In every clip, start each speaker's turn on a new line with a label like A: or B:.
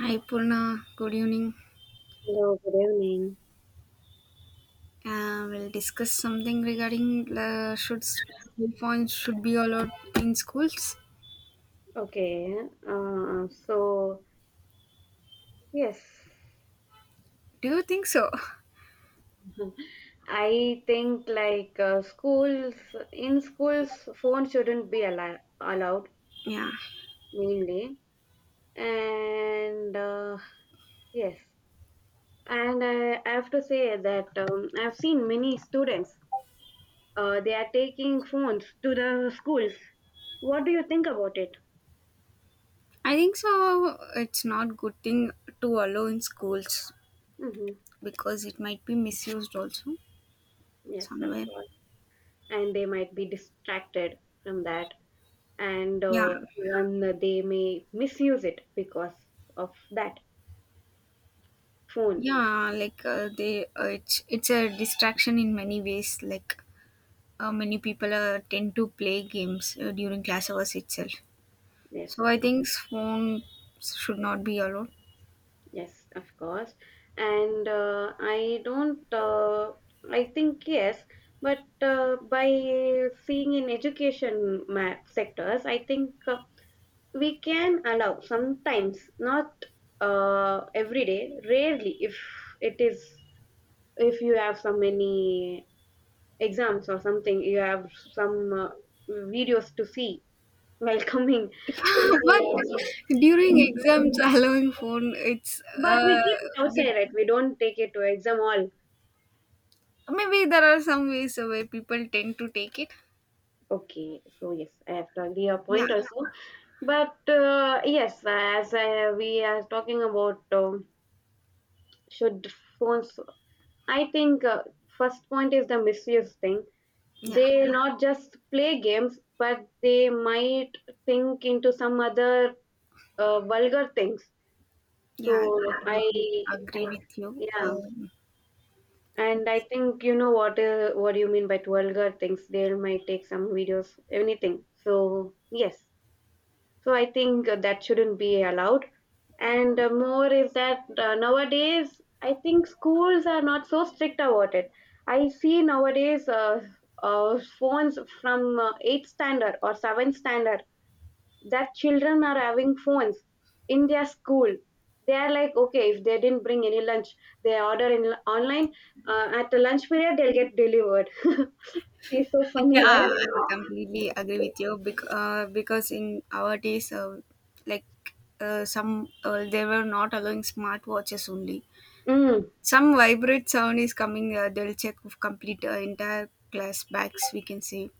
A: Hi Purna, good evening.
B: Hello, good evening.
A: We'll discuss something regarding should school phones should be allowed in schools.
B: Okay, so yes,
A: Do you think so?
B: I think like schools in schools, phone shouldn't be allowed
A: Yeah,
B: mainly, and yes, and I have to say that I've seen many students they are taking phones to the schools. What do you think about it?
A: I think so. It's not good thing to allow in schools
B: Mm-hmm.
A: because it might be misused also
B: Yes, of
A: somewhere.
B: course, and they might be distracted from that, and
A: Yeah,
B: uh, and they may misuse it because of that phone.
A: yeah, like they it's a distraction in many ways. Like many people tend to play games during class hours itself.
B: yes
A: So I
B: of,
A: think phone should not be allowed.
B: yes of course, and I don't, I think yes, but by seeing in education sectors, I think we can allow sometimes, not every day, rarely, if it is, if you have so many exams or something, you have some videos to see welcoming to the
A: But
B: school.
A: during exams allowing phone it's
B: But we
A: uh
B: keep it
A: bit,
B: outside, right? We don't take it to exam hall.
A: maybe there are some ways where people tend to take it.
B: Okay, so yes, I have to agree your
A: Yeah,
B: point also. But yes, we are talking about should phones, I think first point is the misuse thing.
A: yeah,
B: They not just play games, but they might think into some other vulgar things.
A: yeah, I
B: So I,
A: completely agree
B: I,
A: with you.
B: yeah.
A: um,
B: And I think you know what, what do you mean by vulgar things. They might take some videos, anything. So yes, so I think that shouldn't be allowed. And more is that nowadays I think schools are not so strict about it. I see nowadays phones from eighth standard or seventh standard, that children are having phones in their school. They are like, okay, if they didn't bring any lunch, they order in online at the lunch period, they'll get delivered. It's so funny,
A: yeah, I completely agree
B: right?
A: with you because in our days, like, some they were not allowing smartwatches only
B: mm,
A: some vibrate sound is coming, they'll check of complete, entire class backs, we can say.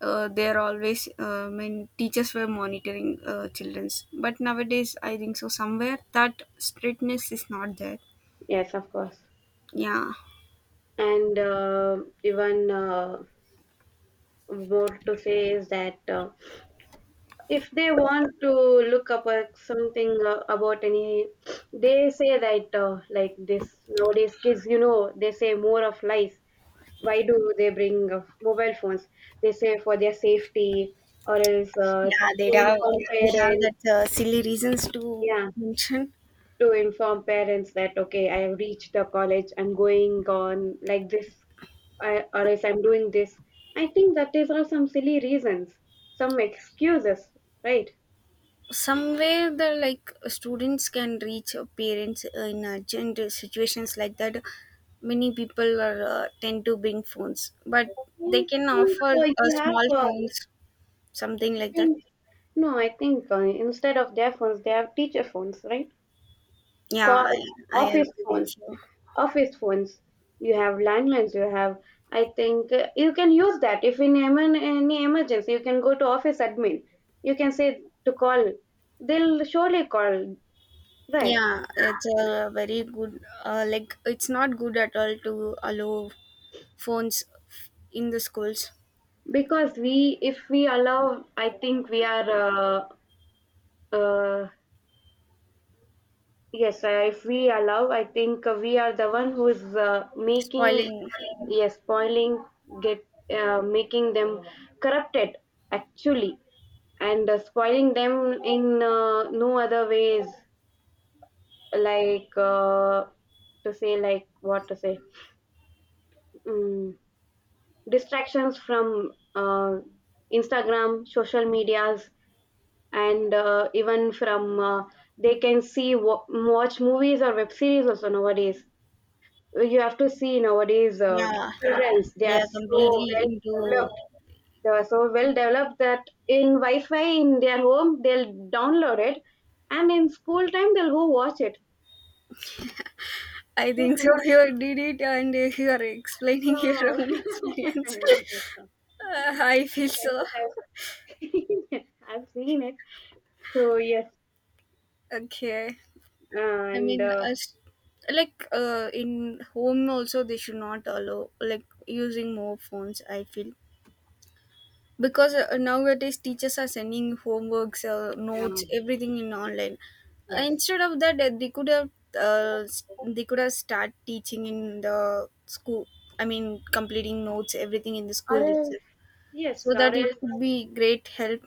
A: They always When teachers were monitoring, children's, but nowadays I think so somewhere that strictness is not there.
B: yes of course,
A: Yeah.
B: and even more to say is that, if they want to look up something about any, they say that, like this nowadays kids, they say more of lies. Why do they bring mobile phones? They say for their safety, or else
A: Yeah, they
B: to
A: have,
B: inform
A: we have
B: parents.
A: that silly reasons to
B: Yeah,
A: mention.
B: to inform parents that, okay, I have reached the college, I'm going on like this, or else I'm doing this. I think that is all some silly reasons, some excuses, right?
A: Somewhere the like students can reach parents in urgent situations, like that many people are tend to bring phones, but
B: I
A: they
B: think
A: can offer
B: you have
A: small
B: I
A: phones, something like that.
B: think No, I think instead of their phones, they have teacher phones, right?
A: yeah
B: Co-
A: i, I
B: Office
A: agree
B: phones.
A: with you.
B: Office phones. You have landlines, you have I think you can use that. If in any emergency, you can go to office admin, you can say to call, they'll surely call, right?
A: Yeah, it's a very good, like, it's not good at all to allow phones in the schools.
B: Because we if we allow, I think we are uh, uh, yes, if we allow, I think we are the one who is making,
A: Spoiling,
B: yes, spoiling, get making them corrupted actually, and spoiling them in no other ways, like to say, like what to say, mm, distractions from Instagram, social medias, and even from they can see watch movies or web series also nowadays. You have to see nowadays
A: yeah,
B: childrens, they
A: they
B: are
A: are
B: so
A: completely
B: well
A: into.
B: developed developed that in wi-fi in their home, they'll download it, and in school time, they'll go watch it.
A: I
B: So
A: think so.
B: funny.
A: You did it and you are explaining your
B: No,
A: own
B: I
A: experience.
B: know, I
A: I feel so.
B: have seen it, I've seen it. So yes,
A: Okay. I
B: and
A: mean,
B: uh,
A: as like, in home also they should not allow like using more phones. I feel because, nowadays teachers are sending homeworks, notes
B: um,
A: everything in online.
B: yes,
A: Instead of that, they could have start teaching in the school. I mean completing notes everything in the
B: or
A: school
B: else
A: itself,
B: yes
A: so that
B: or
A: it
B: else,
A: could be great help.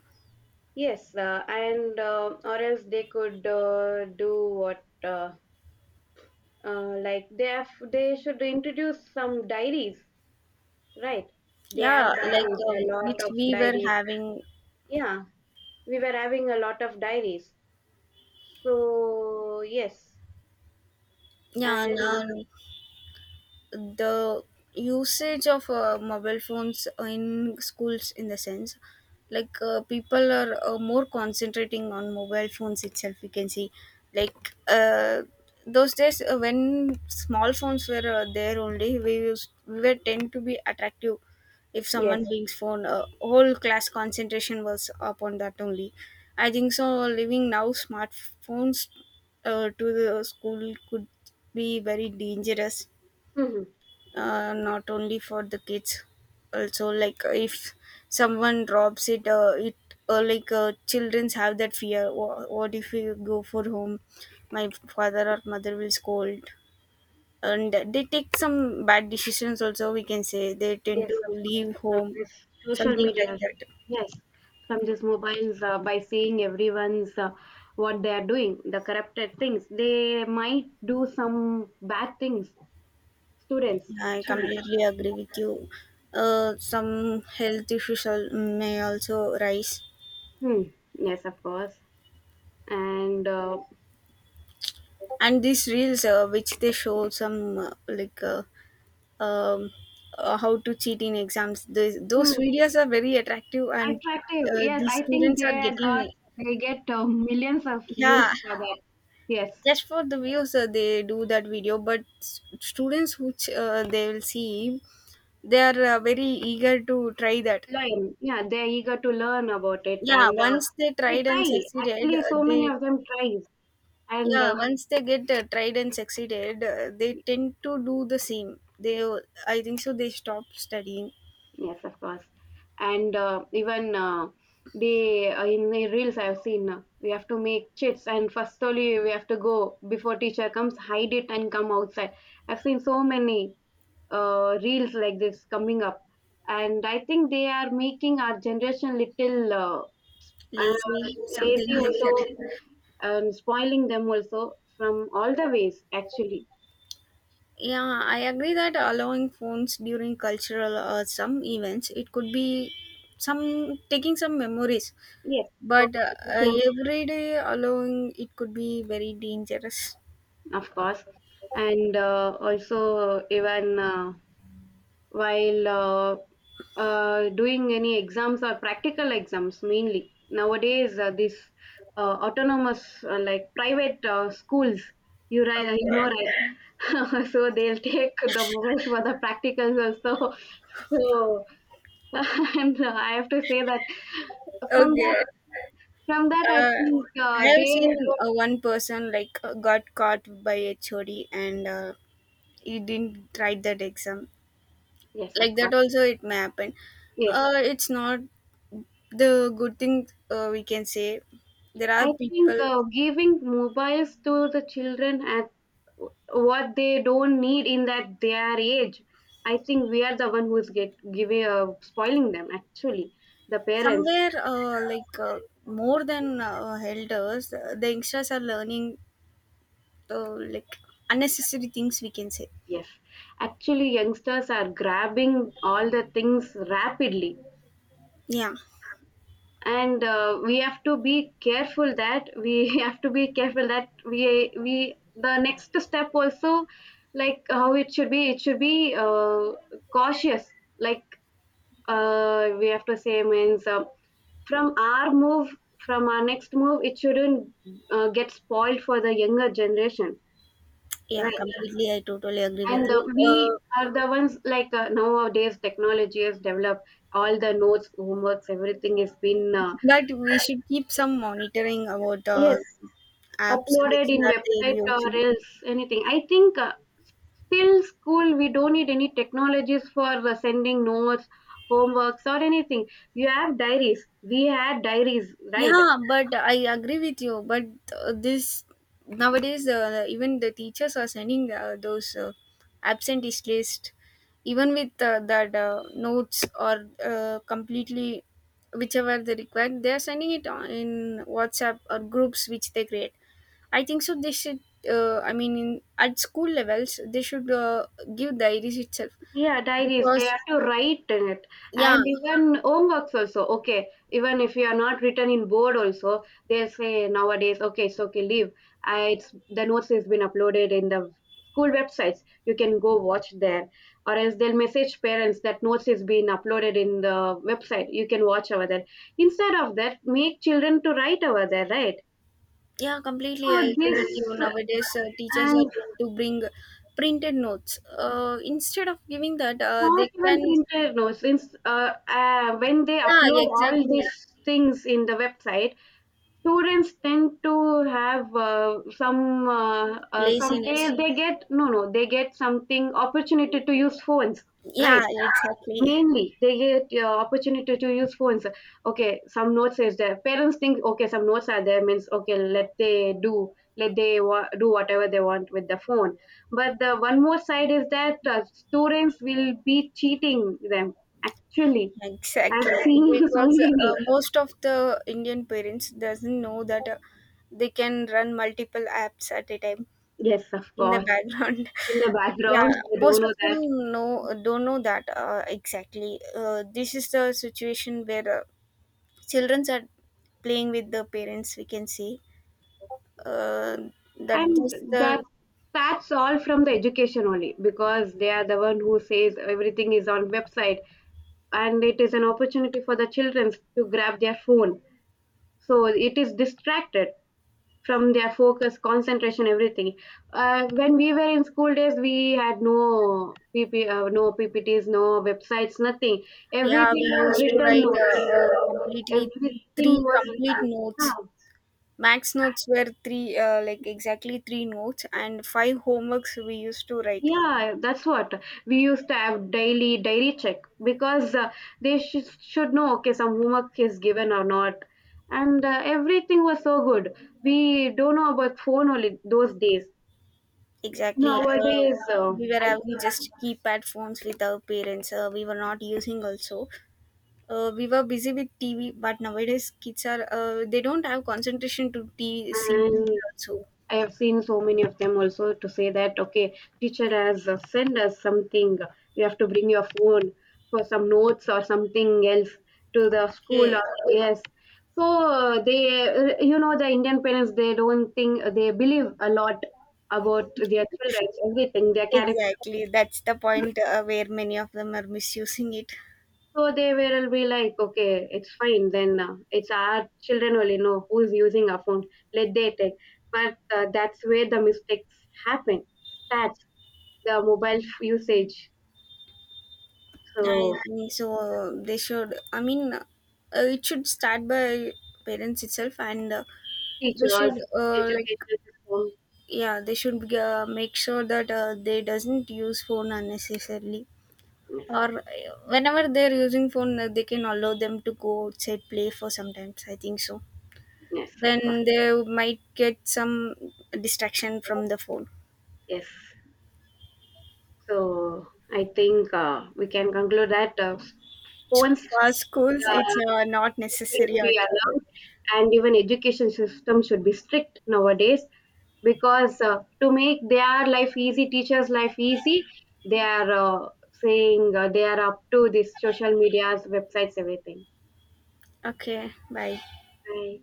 B: yes, and or else they could do what. Like they should introduce some diaries, right? They have
A: Yeah, like,
B: diaries, a lot
A: which
B: of
A: we were
B: diaries.
A: having.
B: Yeah, we were having a lot of diaries. So yes.
A: Yeah,
B: And
A: now the usage of mobile phones in schools, in the sense like, people are more concentrating on mobile phones itself, we can see. Like, those days, when small phones were there only, we were tend to be attractive. If someone
B: yes.
A: brings phone, whole class concentration was upon that only. I think so, living now smartphones to the school could be very dangerous,
B: Hmm.
A: not only for the kids, also like if someone drops it, childrens have that fear. What if we go for home, my father or mother will scold, and they take some bad decisions also, we can say they tend
B: Yes
A: to
B: of course,
A: leave
B: from
A: home,
B: this social
A: something like
B: media.
A: that.
B: Yes, from these mobiles by seeing everyone's what they are doing, the corrupted things, they might do some bad things, students.
A: I completely agree with you. Some health issues may also rise.
B: Hmm. Yes of course, and
A: And these reels, which they show some, um, how to cheat in exams. Those
B: hmm,
A: those videos are very attractive, and
B: attractive. Yes,
A: the
B: I think
A: students are
B: they got
A: getting.
B: they get millions of
A: Yeah.
B: views for that. Yes,
A: Just for the views, they do that video. But students which they will see, they are very eager to try that.
B: learn. Yeah, they're eager to learn about it,
A: Yeah,
B: and
A: once they
B: they
A: tried and
B: try.
A: succeeded,
B: Actually, so many
A: they
B: of them tries, and
A: yeah
B: uh,
A: once they get tried and succeeded, they tend to do the same. They I think so. They stop studying
B: yes, of course, and even they in the reels I've seen. We have to make chits, and first only we have to go before teacher comes, hide it, and come outside. I've seen so many reels like this coming up, and I think they are making our generation little uh,
A: lazy,
B: lazy
A: something like
B: also,
A: that.
B: and spoiling them also from all the ways actually.
A: Yeah, I agree that allowing phones during cultural or some events, it could be some taking some memories,
B: Yes, from
A: but
B: the pictures,
A: every day allowing it could be very dangerous.
B: of course, and also even while doing any exams or practical exams mainly. Nowadays these autonomous like private schools, you know,
A: Okay,
B: right? So they'll take the models for the practicals also. So, and I have to say that from
A: okay.
B: that, I
A: Uh,
B: think
A: I have
B: they,
A: seen
B: don't.
A: one person like got caught by HOD and he didn't write that exam.
B: Yes, of
A: Like that
B: course,
A: also, it may happen.
B: yes.
A: It's not the good thing we can say. There are
B: I think
A: people
B: giving mobiles to the children at w- what they don't need in that their age, I think we are the one who's get giving spoiling them. Actually, the parents.
A: somewhere, more than elders, the youngsters are learning, like unnecessary things, we can say.
B: Yes, actually, youngsters are grabbing all the things rapidly,
A: Yeah,
B: and we have to be careful that we have to be careful that we the next step also, like how it should be, cautious, like we have to say means from our move from our next move it shouldn't get spoiled for the younger generation,
A: yeah,
B: right?
A: completely, I totally agree with
B: and
A: you.
B: uh, we
A: uh,
B: are the ones, like nowadays technology has developed, all the notes, homeworks, everything has been
A: but we should keep some monitoring about
B: yes
A: apps which
B: uploaded in
A: are they
B: website or
A: using.
B: else anything. I think till school, we don't need any technologies for sending notes, homeworks or anything. You have diaries, we had diaries, right?
A: Yeah, but I agree with you. But this nowadays, even the teachers are sending, those, absentee list, even with that, notes or completely whichever they require, they are sending it on in WhatsApp or groups which they create. I think so. They should. I mean, in, at school levels, they should give diaries itself
B: Yeah, diaries,
A: because
B: they have to write in it.
A: yeah.
B: And even homeworks also. Okay, even if you are not written in board also, they say nowadays, okay, it's okay, leave. It's, the notes has been uploaded in the school websites. You can go watch there. Or else they'll message parents that notes is being uploaded in the website. You can watch over there. Instead of that, make children to write over there, right?
A: Yeah, completely. I
B: So
A: agree with you.
B: this,
A: Nowadays, teachers are
B: and
A: tend to bring printed notes. Instead of giving that, they
B: not even
A: can.
B: printed, no. Since when they
A: Yeah,
B: upload all these
A: exactly.
B: things in the website, students tend to have some some,
A: Laziness.
B: they get, no, no, they get something, opportunity to use phones, right?
A: Yeah, exactly.
B: Mainly they get opportunity to use phones. Okay, some notes is there, parents think, okay, some notes are there means, okay, let they do, let they do whatever they want with the phone. But the one more side is that students will be cheating them actually. I've
A: Exactly.
B: seen so
A: Because
B: many.
A: most of the Indian parents doesn't know that they can run multiple apps at a time
B: Yes of
A: in the
B: course,
A: background.
B: in the
A: Yeah,
B: background. They don't
A: most of
B: know that,
A: them know don't know that, exactly. This is the situation where. Childrens are playing with the parents, we can say, uh, that
B: and
A: just
B: that
A: the
B: that's all from the education only, because they are the one who says everything is on website, and it is an opportunity for the children to grab their phone. So it is distracted from their focus, concentration, everything. When we were in school days, we had no PPTs, no websites, nothing.
A: yeah,
B: Everything
A: we
B: was
A: used to
B: written
A: write,
B: notes,
A: completely
B: everything
A: three
B: was
A: complete
B: written.
A: notes,
B: Yeah.
A: max notes were three, like exactly 3 notes and 5 homeworks we used to write
B: Yeah, that's what we used to have, daily diary check, because they should know okay some homework is given or not, and everything was so good. We don't know about phone only those days.
A: exactly.
B: Nowadays
A: We were
B: I
A: having
B: think.
A: just keypad phones with our parents, we were not using also. We were busy with tv, but nowadays kids are, they don't have concentration to see tv
B: And
A: also.
B: I have seen so many of them also to say that, okay, teacher has send us something. You have to bring your phone for some notes or something else to the school.
A: Okay.
B: Or, yes. So they, the Indian parents, they don't think, they believe a lot about their children's everything, their character.
A: Exactly, that's the point where many of them are misusing it.
B: So they will be like, okay, it's fine. Then it's our children only know who's using our phone. Let they take. But that's where the mistakes happen. Stats, the mobile usage.
A: I
B: So
A: think so. They should. I mean, it should start by parents itself, and they
B: teachers,
A: should, like
B: education system.
A: yeah, they should make sure that they doesn't use phone unnecessarily.
B: Yes,
A: Or whenever they're using phone, they can allow them to go outside play for sometimes. I think so.
B: yes, of course.
A: Then they might get some distraction from the phone.
B: Yes. So I think we can conclude that phones
A: For schools,
B: Uh,
A: it's not necessary
B: shouldn't be
A: at all.
B: allowed, and even education system should be strict nowadays, because to make their life easy, teachers life easy, they are saying they are up to this social medias, websites, everything.
A: Okay, bye.
B: Right.